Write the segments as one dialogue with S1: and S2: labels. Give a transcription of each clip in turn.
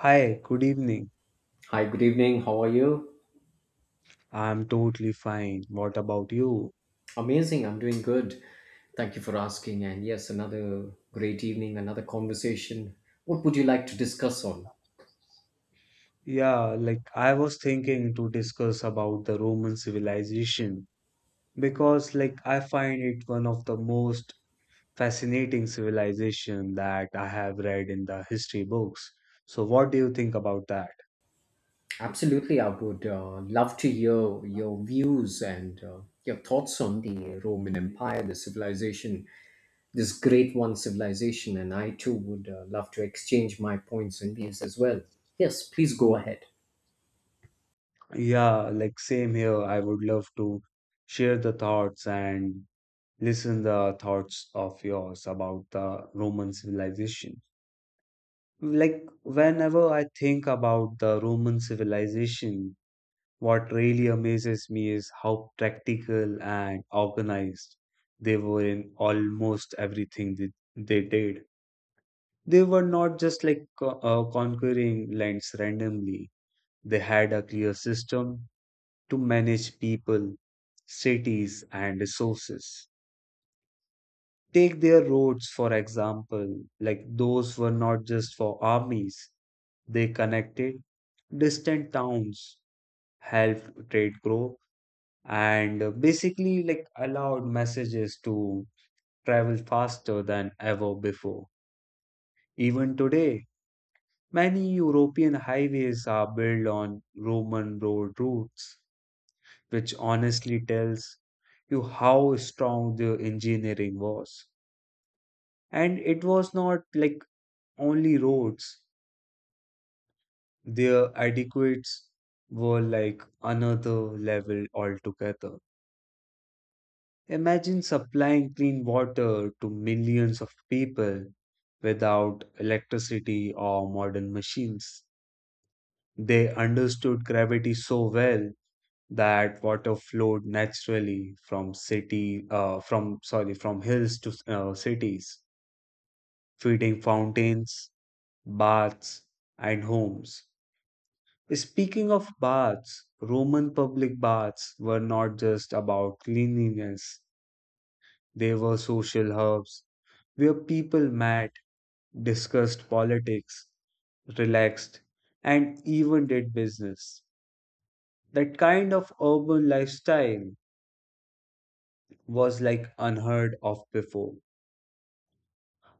S1: Hi, good evening.
S2: Hi, good evening. How are you?
S1: I'm totally fine. What about you?
S2: Amazing. I'm doing good. Thank you for asking. And yes, another great evening, another conversation. What would you like to discuss on?
S1: Yeah, like I was thinking to discuss about the Roman civilization because like I find it one of the most fascinating civilization that I have read in the history books. So what do you think about that?
S2: Absolutely. I would love to hear your views and your thoughts on the Roman Empire, the civilization, this great one civilization. And I too would love to exchange my points and views as well. Yes, please go ahead.
S1: Yeah, like same here. I would love to share the thoughts and listen the thoughts of yours about the Roman civilization. Like, whenever I think about the Roman civilization, what really amazes me is how practical and organized they were in almost everything that they did. They were not just like conquering lands randomly, they had a clear system to manage people, cities, and resources. Take their roads, for example, like those were not just for armies, they connected distant towns, helped trade grow, and basically like allowed messages to travel faster than ever before. Even today, many European highways are built on Roman road routes, which honestly tells you how strong the engineering was. And it was not like only roads, their adequates were like another level altogether. Imagine supplying clean water to millions of people without electricity or modern machines. They understood gravity so well that water flowed naturally from city from sorry from hills to cities, feeding fountains, baths, and homes. Speaking of baths, Roman public baths were not just about cleanliness, they were social hubs where people met, discussed politics, relaxed, and even did business. That kind of urban lifestyle was like unheard of before.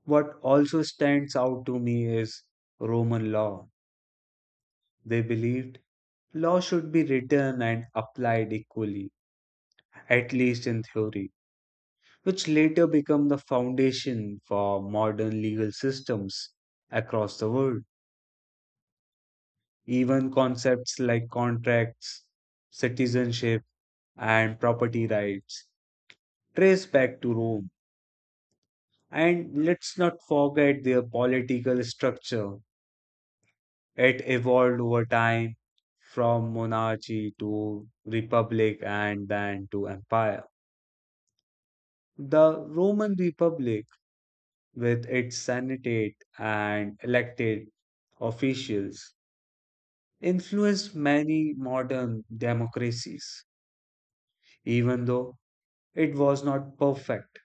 S1: What also stands out to me is Roman law. They believed law should be written and applied equally, at least in theory, which later become the foundation for modern legal systems across the world. Even concepts like contracts, citizenship, and property rights trace back to Rome. And let's not forget their political structure. It evolved over time from monarchy to republic and then to empire. The Roman Republic, with its senate and elected officials influenced many modern democracies, even though it was not perfect.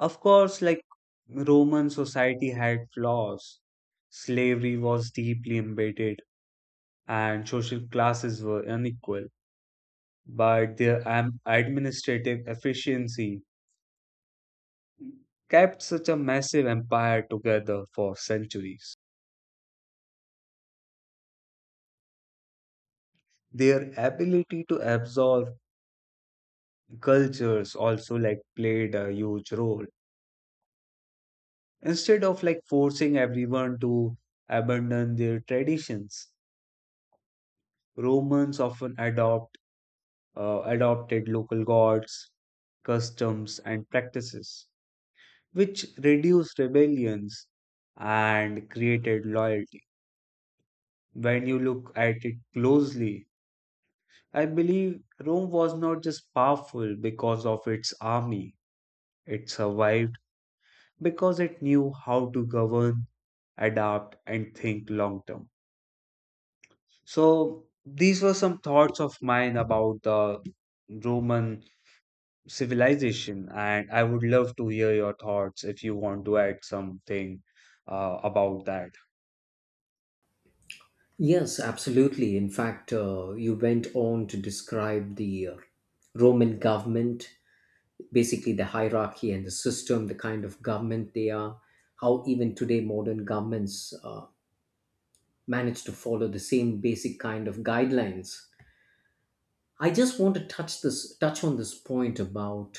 S1: Of course, like Roman society had flaws, slavery was deeply embedded, and social classes were unequal, but their administrative efficiency kept such a massive empire together for centuries. Their ability to absorb cultures also like played a huge role. Instead of like forcing everyone to abandon their traditions, Romans often adopted local gods, customs, and practices, which reduced rebellions and created loyalty. When you look at it closely, I believe Rome was not just powerful because of its army, it survived because it knew how to govern, adapt, and think long term. So these were some thoughts of mine about the Roman civilization, and I would love to hear your thoughts if you want to add something about that.
S2: Yes, absolutely. In fact, you went on to describe the Roman government, basically the hierarchy and the system, the kind of government they are, how even today modern governments manage to follow the same basic kind of guidelines. I just want to touch on this point about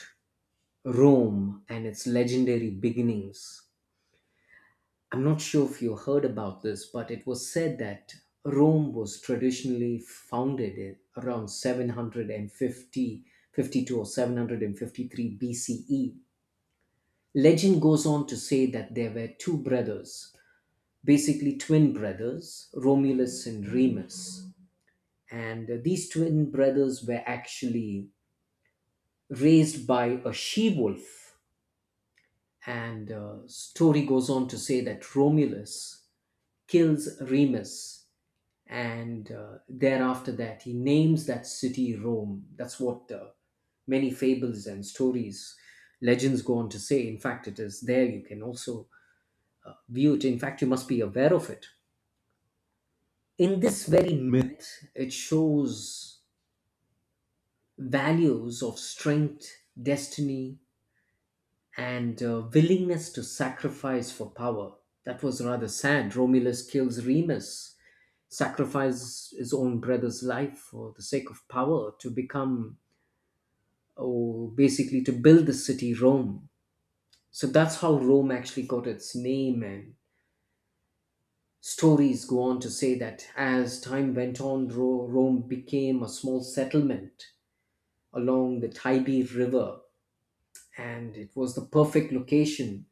S2: Rome and its legendary beginnings. I'm not sure if you heard about this, but it was said that Rome was traditionally founded in around 750 52 or 753 BCE. Legend goes on to say that there were two brothers, basically twin brothers, Romulus and Remus. And these twin brothers were actually raised by a she wolf. And the story goes on to say that Romulus kills Remus, and thereafter that he names that city Rome. That's what many fables and stories, legends go on to say. In fact, it is there you can also view it. In fact, you must be aware of it. In this very myth, it shows values of strength, destiny, and willingness to sacrifice for power. That was rather sad. Romulus kills Remus, sacrifices his own brother's life for the sake of power to become, oh, basically to build the city Rome. So that's how Rome actually got its name. And stories go on to say that as time went on, Rome became a small settlement along the Tiber River, and it was the perfect location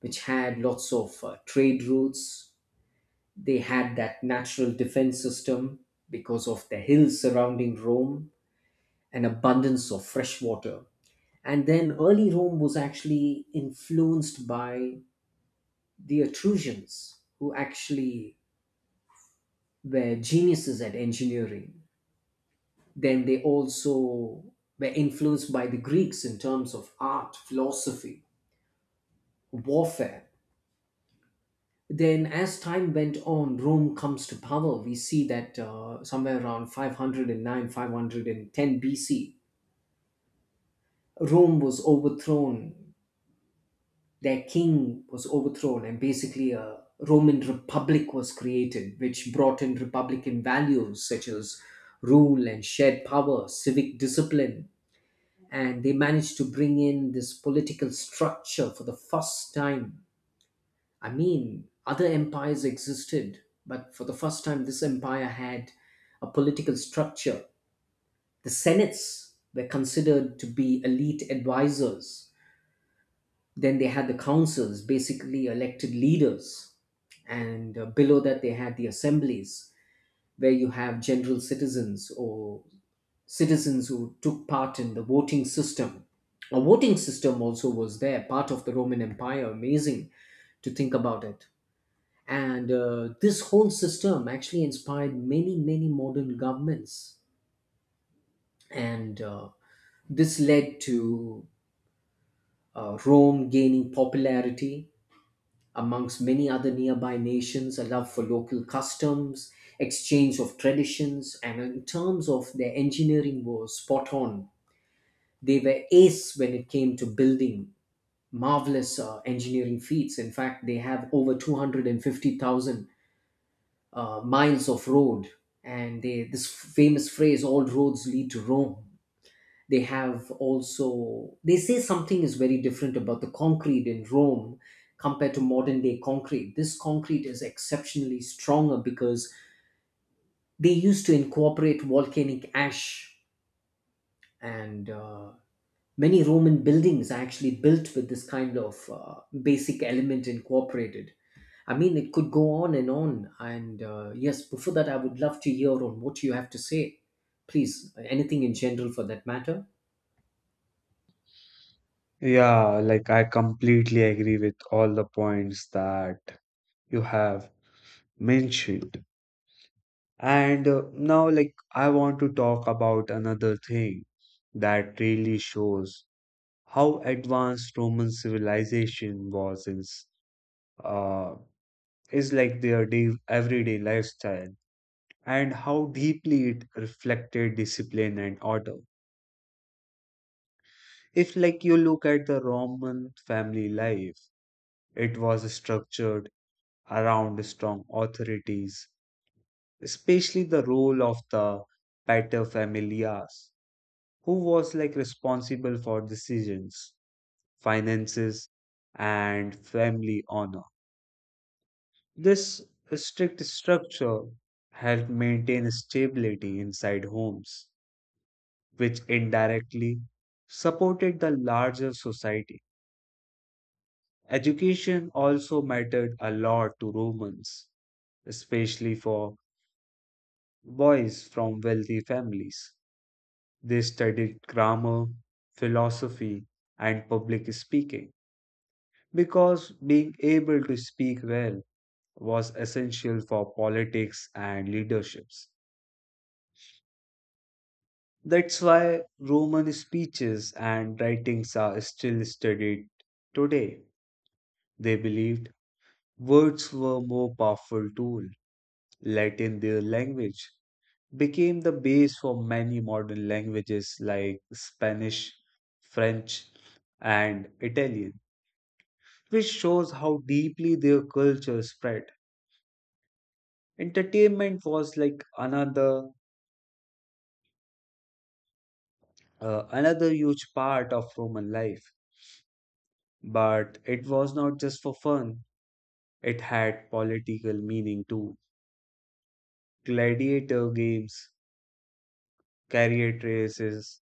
S2: which had lots of trade routes. They had that natural defense system because of the hills surrounding Rome and abundance of fresh water. And then early Rome was actually influenced by the Etruscans, who actually were geniuses at engineering. Then they also were influenced by the Greeks in terms of art, philosophy, warfare. Then, as time went on, Rome comes to power. We see that somewhere around 509, 510 BC, Rome was overthrown. Their king was overthrown, and basically a Roman Republic was created, which brought in republican values such as rule and shared power, civic discipline, and they managed to bring in this political structure for the first time. I mean, other empires existed, but for the first time, this empire had a political structure. The senates were considered to be elite advisors. Then they had the councils, basically elected leaders. And below that, they had the assemblies, where you have general citizens or citizens who took part in the voting system. A voting system also was there, part of the Roman Empire. Amazing to think about it. And this whole system actually inspired many, many modern governments. And this led to Rome gaining popularity amongst many other nearby nations, a love for local customs, exchange of traditions, and in terms of their engineering was spot on. They were ace when it came to building marvelous engineering feats. In fact, they have over 250,000 miles of road, and they, this famous phrase, all roads lead to Rome. They have also, they say something is very different about the concrete in Rome compared to modern day concrete. This concrete is exceptionally stronger because they used to incorporate volcanic ash. And many Roman buildings are actually built with this kind of basic element incorporated. I mean, it could go on. And yes, before that, I would love to hear on what you have to say. Please, anything in general for that matter.
S1: Yeah, like I completely agree with all the points that you have mentioned. And Now, like, I want to talk about another thing that really shows how advanced Roman civilization was in s- uh, is like their day, everyday lifestyle and how deeply it reflected discipline and order. If like you look at the Roman family life, it was structured around strong authorities, especially the role of the paterfamilias, who was like responsible for decisions, finances, and family honor. This strict structure helped maintain stability inside homes which indirectly supported the larger society. Education also mattered a lot to Romans, especially for boys from wealthy families. They studied grammar, philosophy, and public speaking because being able to speak well was essential for politics and leaderships. That's why Roman speeches and writings are still studied today. They believed words were more powerful tool. Latin, their language, became the base for many modern languages like Spanish, French, and Italian, which shows how deeply their culture spread. Entertainment was like another huge part of Roman life, but it was not just for fun. It had political meaning too. Gladiator games, chariot races,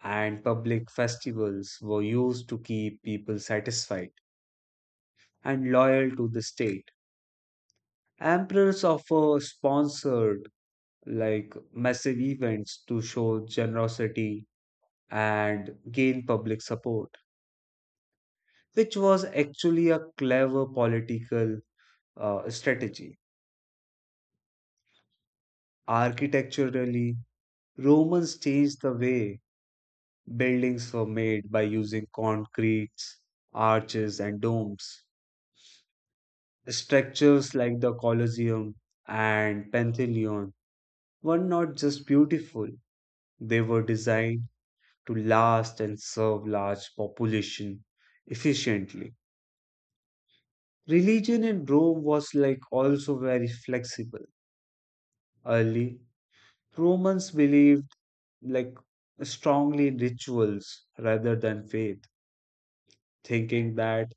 S1: and public festivals were used to keep people satisfied and loyal to the state. Emperors often sponsored like massive events to show generosity and gain public support, which was actually a clever political strategy. Architecturally, Romans changed the way buildings were made by using concretes, arches, and domes. Structures like the Colosseum and Pantheon were not just beautiful, they were designed to last and serve large population efficiently. Religion in Rome was like also very flexible. Early Romans believed like strongly in rituals rather than faith, thinking that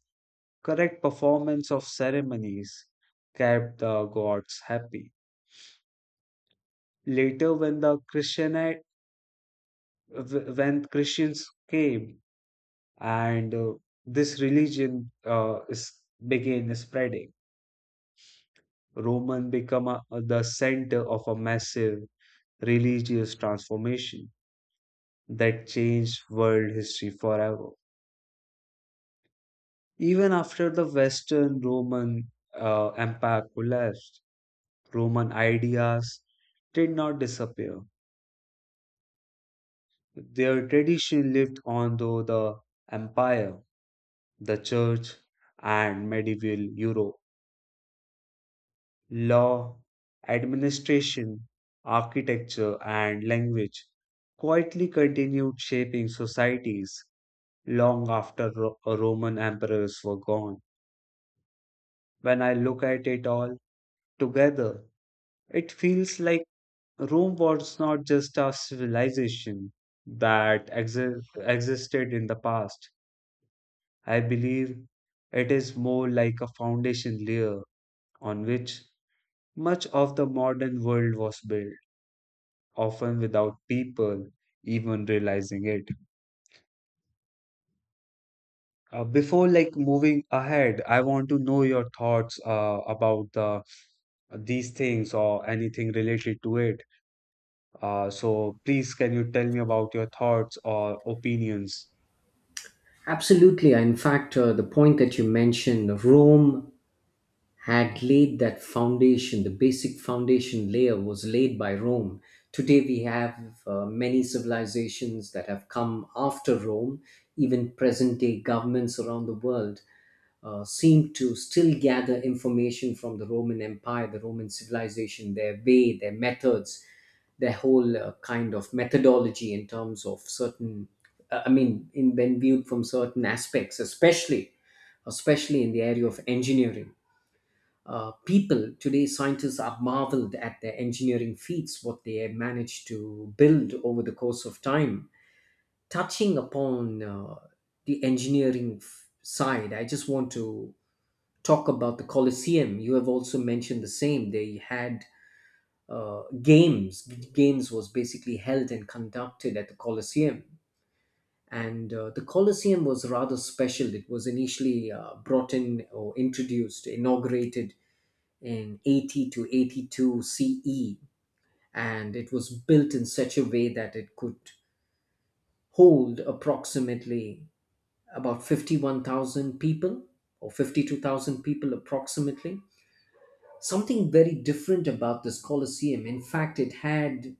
S1: correct performance of ceremonies kept the gods happy. Later, when the when Christians came and this religion is began spreading, Roman become a, the center of a massive religious transformation that changed world history forever. Even after the Western Roman Empire collapsed, Roman ideas did not disappear. Their tradition lived on through the empire, the church, and medieval Europe. Law, administration, architecture, and language quietly continued shaping societies long after Roman emperors were gone. When I look at it all together, it feels like Rome was not just a civilization that existed in the past. I believe it is more like a foundation layer on which much of the modern world was built, often without people even realizing it. Before like moving ahead, I want to know your thoughts about the these things or anything related to it. So please, can you tell me about your thoughts or opinions?
S2: Absolutely. In fact, the point that you mentioned, Rome had laid that foundation, the basic foundation layer was laid by Rome. Today we have many civilizations that have come after Rome, even present day governments around the world seem to still gather information from the Roman Empire, the Roman civilization, their way, their methods, their whole kind of methodology in terms of certain I mean in when viewed from certain aspects, especially in the area of engineering. People today, scientists, are marveled at their engineering feats, what they have managed to build over the course of time. Touching upon the engineering side, I just want to talk about the Colosseum. You have also mentioned the same. They had uh, games games was basically held and conducted at the Colosseum, and the Colosseum was rather special. It was initially brought in or introduced, inaugurated in 80 to 82 CE, and it was built in such a way that it could hold approximately about 51,000 people or 52,000 people approximately. Something very different about this Colosseum. In fact, it had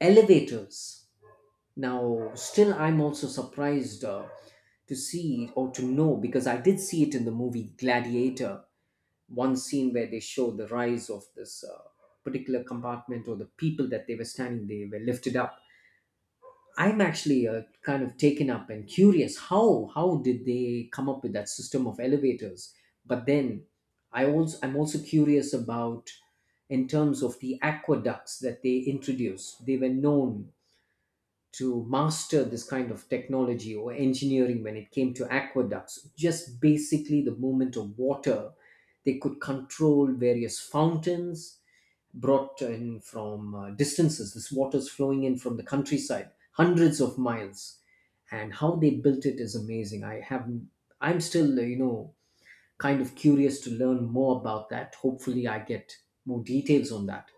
S2: elevators. Now, still, I'm also surprised to see or to know because I did see it in the movie Gladiator, one scene where they show the rise of this particular compartment or the people that they were standing, they were lifted up. I'm actually kind of taken up and curious how did they come up with that system of elevators. But then I'm also curious about, in terms of the aqueducts that they introduced, they were known to master this kind of technology or engineering when it came to aqueducts. Just basically the movement of water. They could control various fountains brought in from distances. This water's flowing in from the countryside, hundreds of miles. And how they built it is amazing. I'm still, you know, kind of curious to learn more about that. Hopefully, I get more details on that.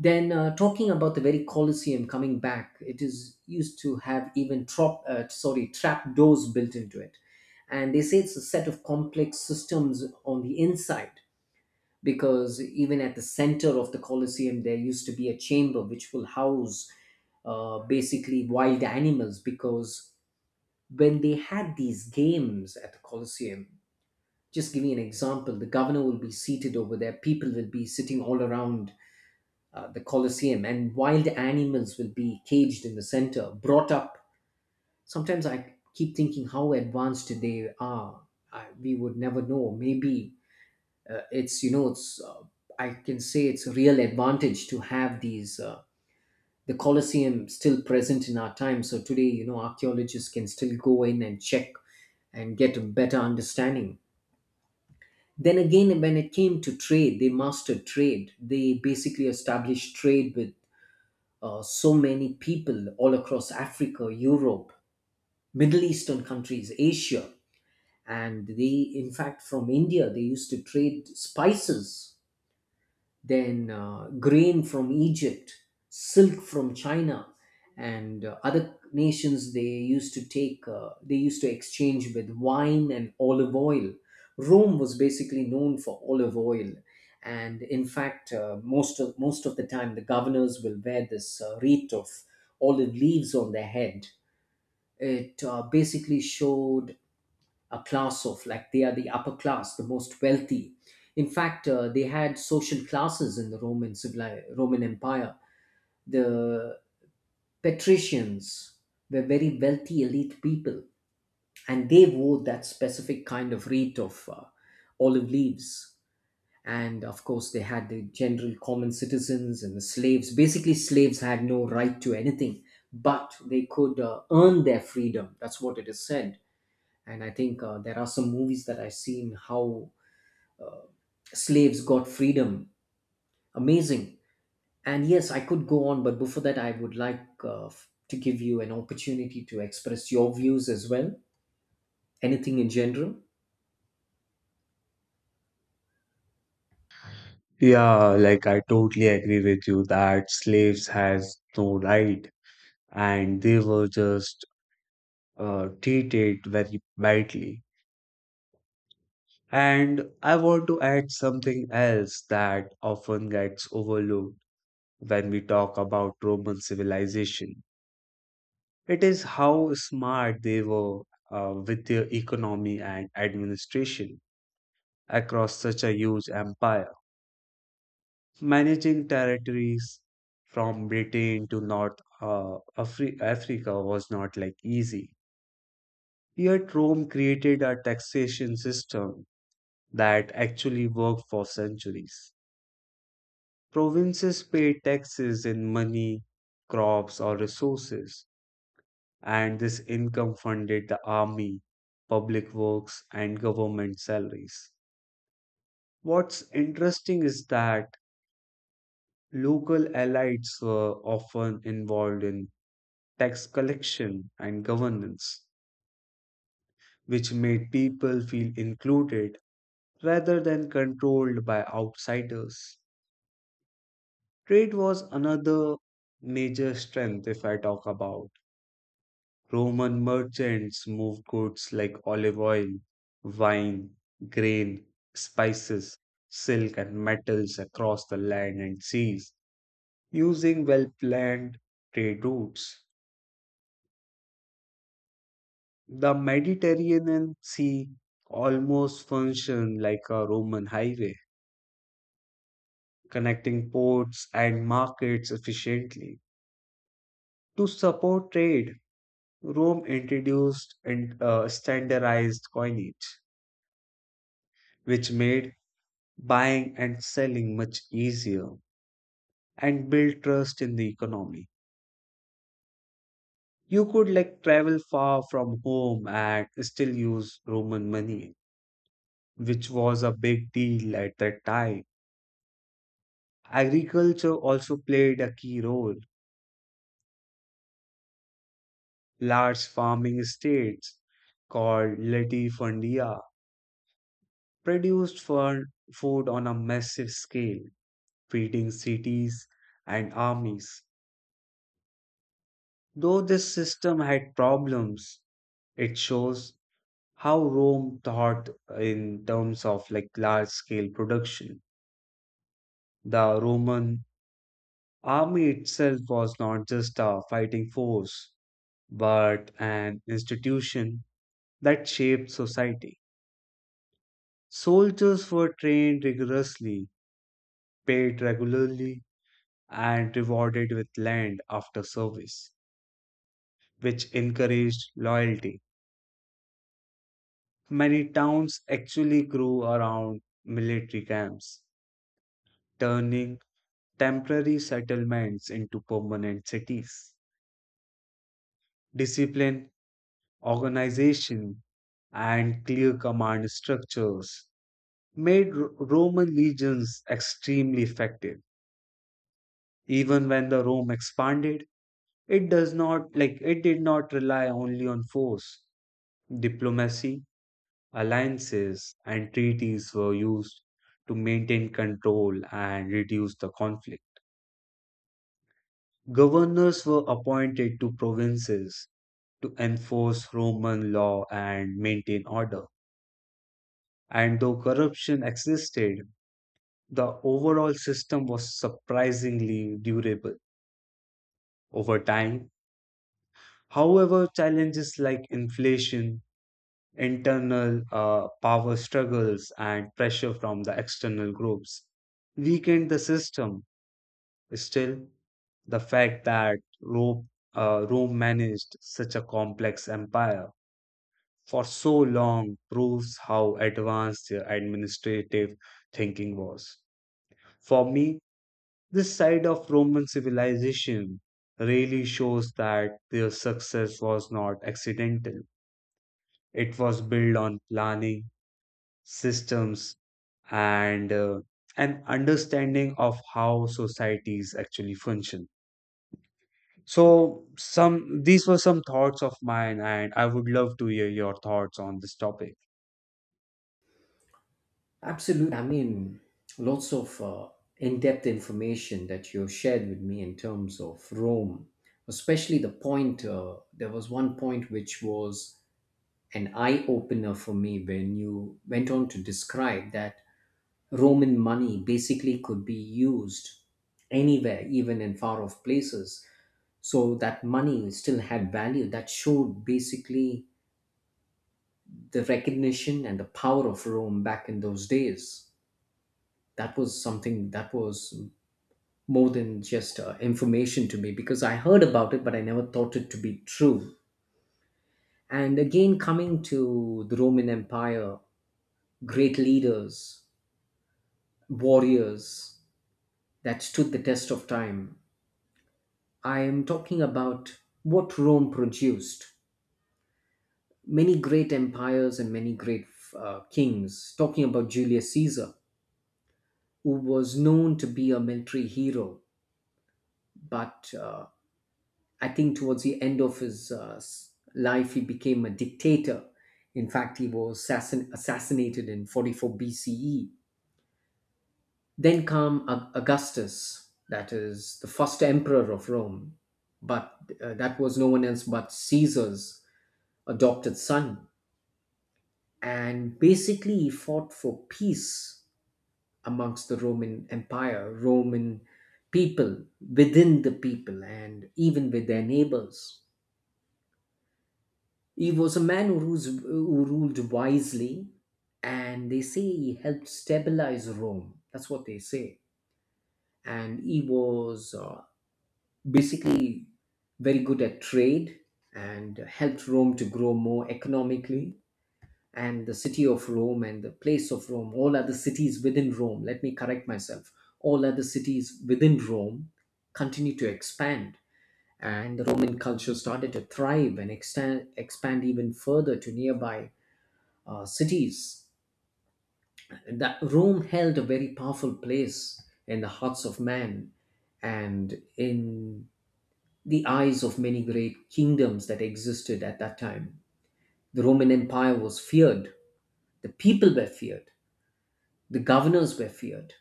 S2: Then, talking about the very Colosseum coming back, it is used to have even trap doors built into it. And they say it's a set of complex systems on the inside because even at the center of the Colosseum, there used to be a chamber which will house basically wild animals because when they had these games at the Colosseum, just giving an example, the governor will be seated over there, people will be sitting all around the Colosseum, and wild animals will be caged in the center, brought up. Sometimes I keep thinking how advanced they are. We would never know. Maybe it's you know it's I can say it's a real advantage to have the Colosseum still present in our time. So today, you know, archaeologists can still go in and check and get a better understanding. Then again, when it came to trade, they mastered trade. They basically established trade with so many people all across Africa, Europe, Middle Eastern countries, Asia. And they, in fact, from India, they used to trade spices, then grain from Egypt, silk from China, and other nations they used to exchange with wine and olive oil. Rome was basically known for olive oil. And in fact, most of the time, the governors will wear this wreath of olive leaves on their head. It basically showed a class of like they are the upper class, the most wealthy. In fact, they had social classes in the Roman Empire. The patricians were very wealthy elite people, and they wore that specific kind of wreath of olive leaves. And of course, they had the general common citizens and the slaves. Basically slaves had no right to anything, but they could earn their freedom. That's what it is said. And I think there are some movies that I've seen how uh, slaves got freedom. Amazing. And yes, I could go on, but before that, I would like to give you an opportunity to express your views as well. Anything in general?
S1: Yeah, like I totally agree with you that slaves has no right and they were just treated very badly. And I want to add something else that often gets overlooked when we talk about Roman civilization. It is how smart they were with their economy and administration across such a huge empire, managing territories from Britain to North Africa was not like easy. Yet Rome created a taxation system that actually worked for centuries. Provinces paid taxes in money, crops, or resources, and this income funded the army, public works, and government salaries. What's interesting is that local elites were often involved in tax collection and governance, which made people feel included rather than controlled by outsiders. Trade was another major strength if I talk about. Roman merchants moved goods like olive oil, wine, grain, spices, silk, and metals across the land and seas using well planned trade routes. The Mediterranean Sea almost functioned like a Roman highway, connecting ports and markets efficiently. To support trade, Rome introduced and standardized coinage, which made buying and selling much easier and build trust in the economy. You could like travel far from home and still use Roman money, which was a big deal at that time. Agriculture also played a key role. Large farming estates called latifundia produced for food on a massive scale, feeding cities and armies. Though this system had problems, it shows how Rome thought in terms of like large scale production. The Roman army itself was not just a fighting force, but an institution that shaped society. Soldiers were trained rigorously, paid regularly, and rewarded with land after service, which encouraged loyalty. Many towns actually grew around military camps, turning temporary settlements into permanent cities. Discipline, organization, and clear command structures made Roman legions extremely effective. Even when the Rome expanded, it does not like it did not rely only on force. Diplomacy, alliances, and treaties were used to maintain control and reduce the conflict. Governors were appointed to provinces to enforce Roman law and maintain order. And though corruption existed, the overall system was surprisingly durable over time. However, challenges like inflation, internal power struggles, and pressure from the external groups weakened the system. Still, the fact that Rome managed such a complex empire for so long proves how advanced their administrative thinking was. For me, this side of Roman civilization really shows that their success was not accidental. It was built on planning, systems, and an understanding of how societies actually function. So, some these were some thoughts of mine, and I would love to hear your thoughts on this topic.
S2: Absolutely. I mean, lots of in depth information that you shared with me in terms of Rome, especially the point, there was one point which was an eye opener for me when you went on to describe that Roman money basically could be used anywhere, even in far off places. So that money still had value. That showed basically the recognition and the power of Rome back in those days. That was something that was more than just information to me because I heard about it, but I never thought it to be true. And again, coming to the Roman Empire, great leaders, warriors that stood the test of time. I am talking about what Rome produced. Many great empires and many great kings. Talking about Julius Caesar, who was known to be a military hero, but I think towards the end of his life, he became a dictator. In fact, he was assassinated in 44 BCE. Then come Augustus, that is the first emperor of Rome, but that was no one else but Caesar's adopted son, and basically he fought for peace amongst the Roman people, within the people and even with their neighbors. He was a man who ruled wisely, and they say he helped stabilize Rome. That's what they say. And he was basically very good at trade and helped Rome to grow more economically. And the city of Rome and the place of Rome, all other cities within Rome, let me correct myself, all other cities within Rome continued to expand. And the Roman culture started to thrive and expand even further to nearby cities. That Rome held a very powerful place in the hearts of man and in the eyes of many great kingdoms that existed at that time. The Roman Empire was feared, the people were feared. The governors were feared.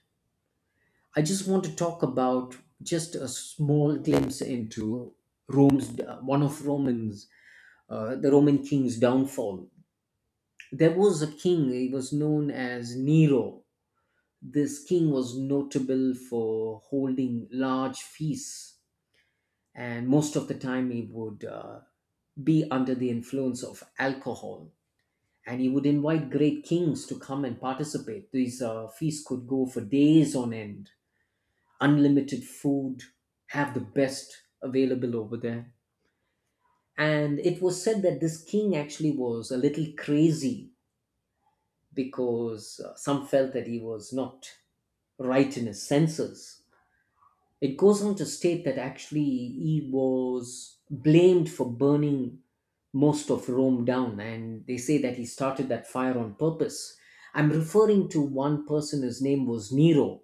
S2: I just want to talk about just a small glimpse into Rome's one of Romans, the Roman king's downfall. There was a king. He was known as Nero. This king was notable for holding large feasts, and most of the time he would be under the influence of alcohol. And he would invite great kings to come and participate. These feasts could go for days on end. Unlimited food, have the best available over there. And it was said that this king actually was a little crazy because some felt that he was not right in his senses. It goes on to state that actually he was blamed for burning most of Rome down, and they say that he started that fire on purpose. I'm referring to one person, his name was Nero,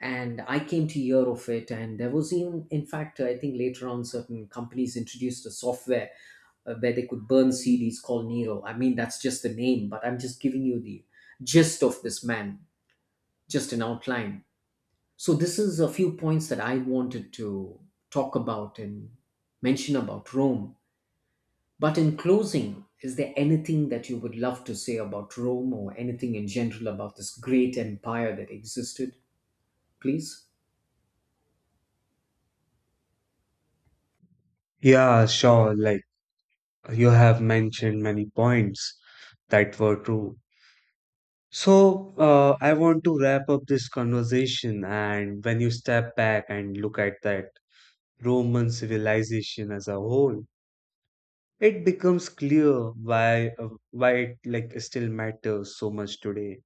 S2: and I came to hear of it, and there was even, in fact, I think later on certain companies introduced a software where they could burn CDs called Nero. I mean, that's just the name, but I'm just giving you the gist of this man, just an outline. So this is a few points that I wanted to talk about and mention about Rome. But in closing, is there anything that you would love to say about Rome or anything in general about this great empire that existed? Please.
S1: Yeah, sure. Like, you have mentioned many points that were true. So, I want to wrap up this conversation. And when you step back and look at that Roman civilization as a whole, it becomes clear why it like still matters so much today.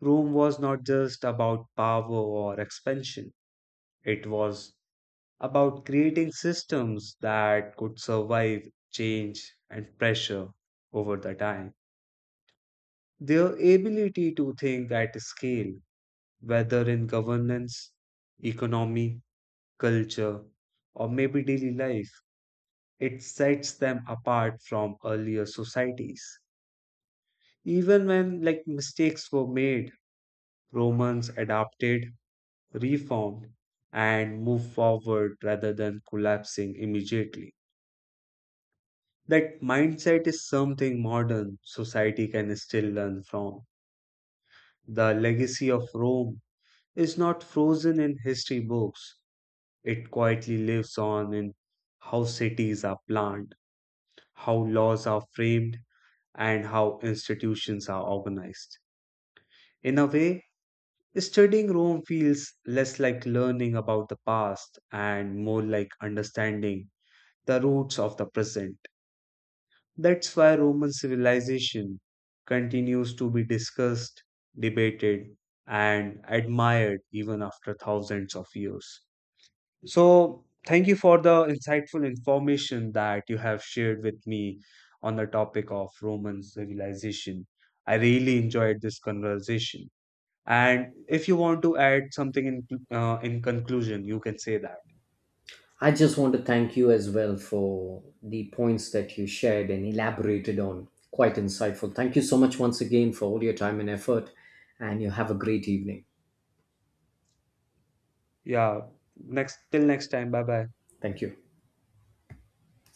S1: Rome was not just about power or expansion. It was about creating systems that could survive change and pressure over the time. Their ability to think at scale, whether in governance, economy, culture, or maybe daily life, it sets them apart from earlier societies. Even when like mistakes were made, Romans adapted, reformed, and moved forward rather than collapsing immediately. That mindset is something modern society can still learn from. The legacy of Rome is not frozen in history books. It quietly lives on in how cities are planned, how laws are framed, and how institutions are organized. In a way, studying Rome feels less like learning about the past and more like understanding the roots of the present. That's why Roman civilization continues to be discussed, debated, and admired even after thousands of years. So, thank you for the insightful information that you have shared with me on the topic of Roman civilization. I really enjoyed this conversation. And if you want to add something in conclusion, you can say that.
S2: I just want to thank you as well for the points that you shared and elaborated on. Quite insightful. Thank you so much once again for all your time and effort, and you have a great evening.
S1: Yeah. Next, till next time. Bye bye.
S2: Thank you.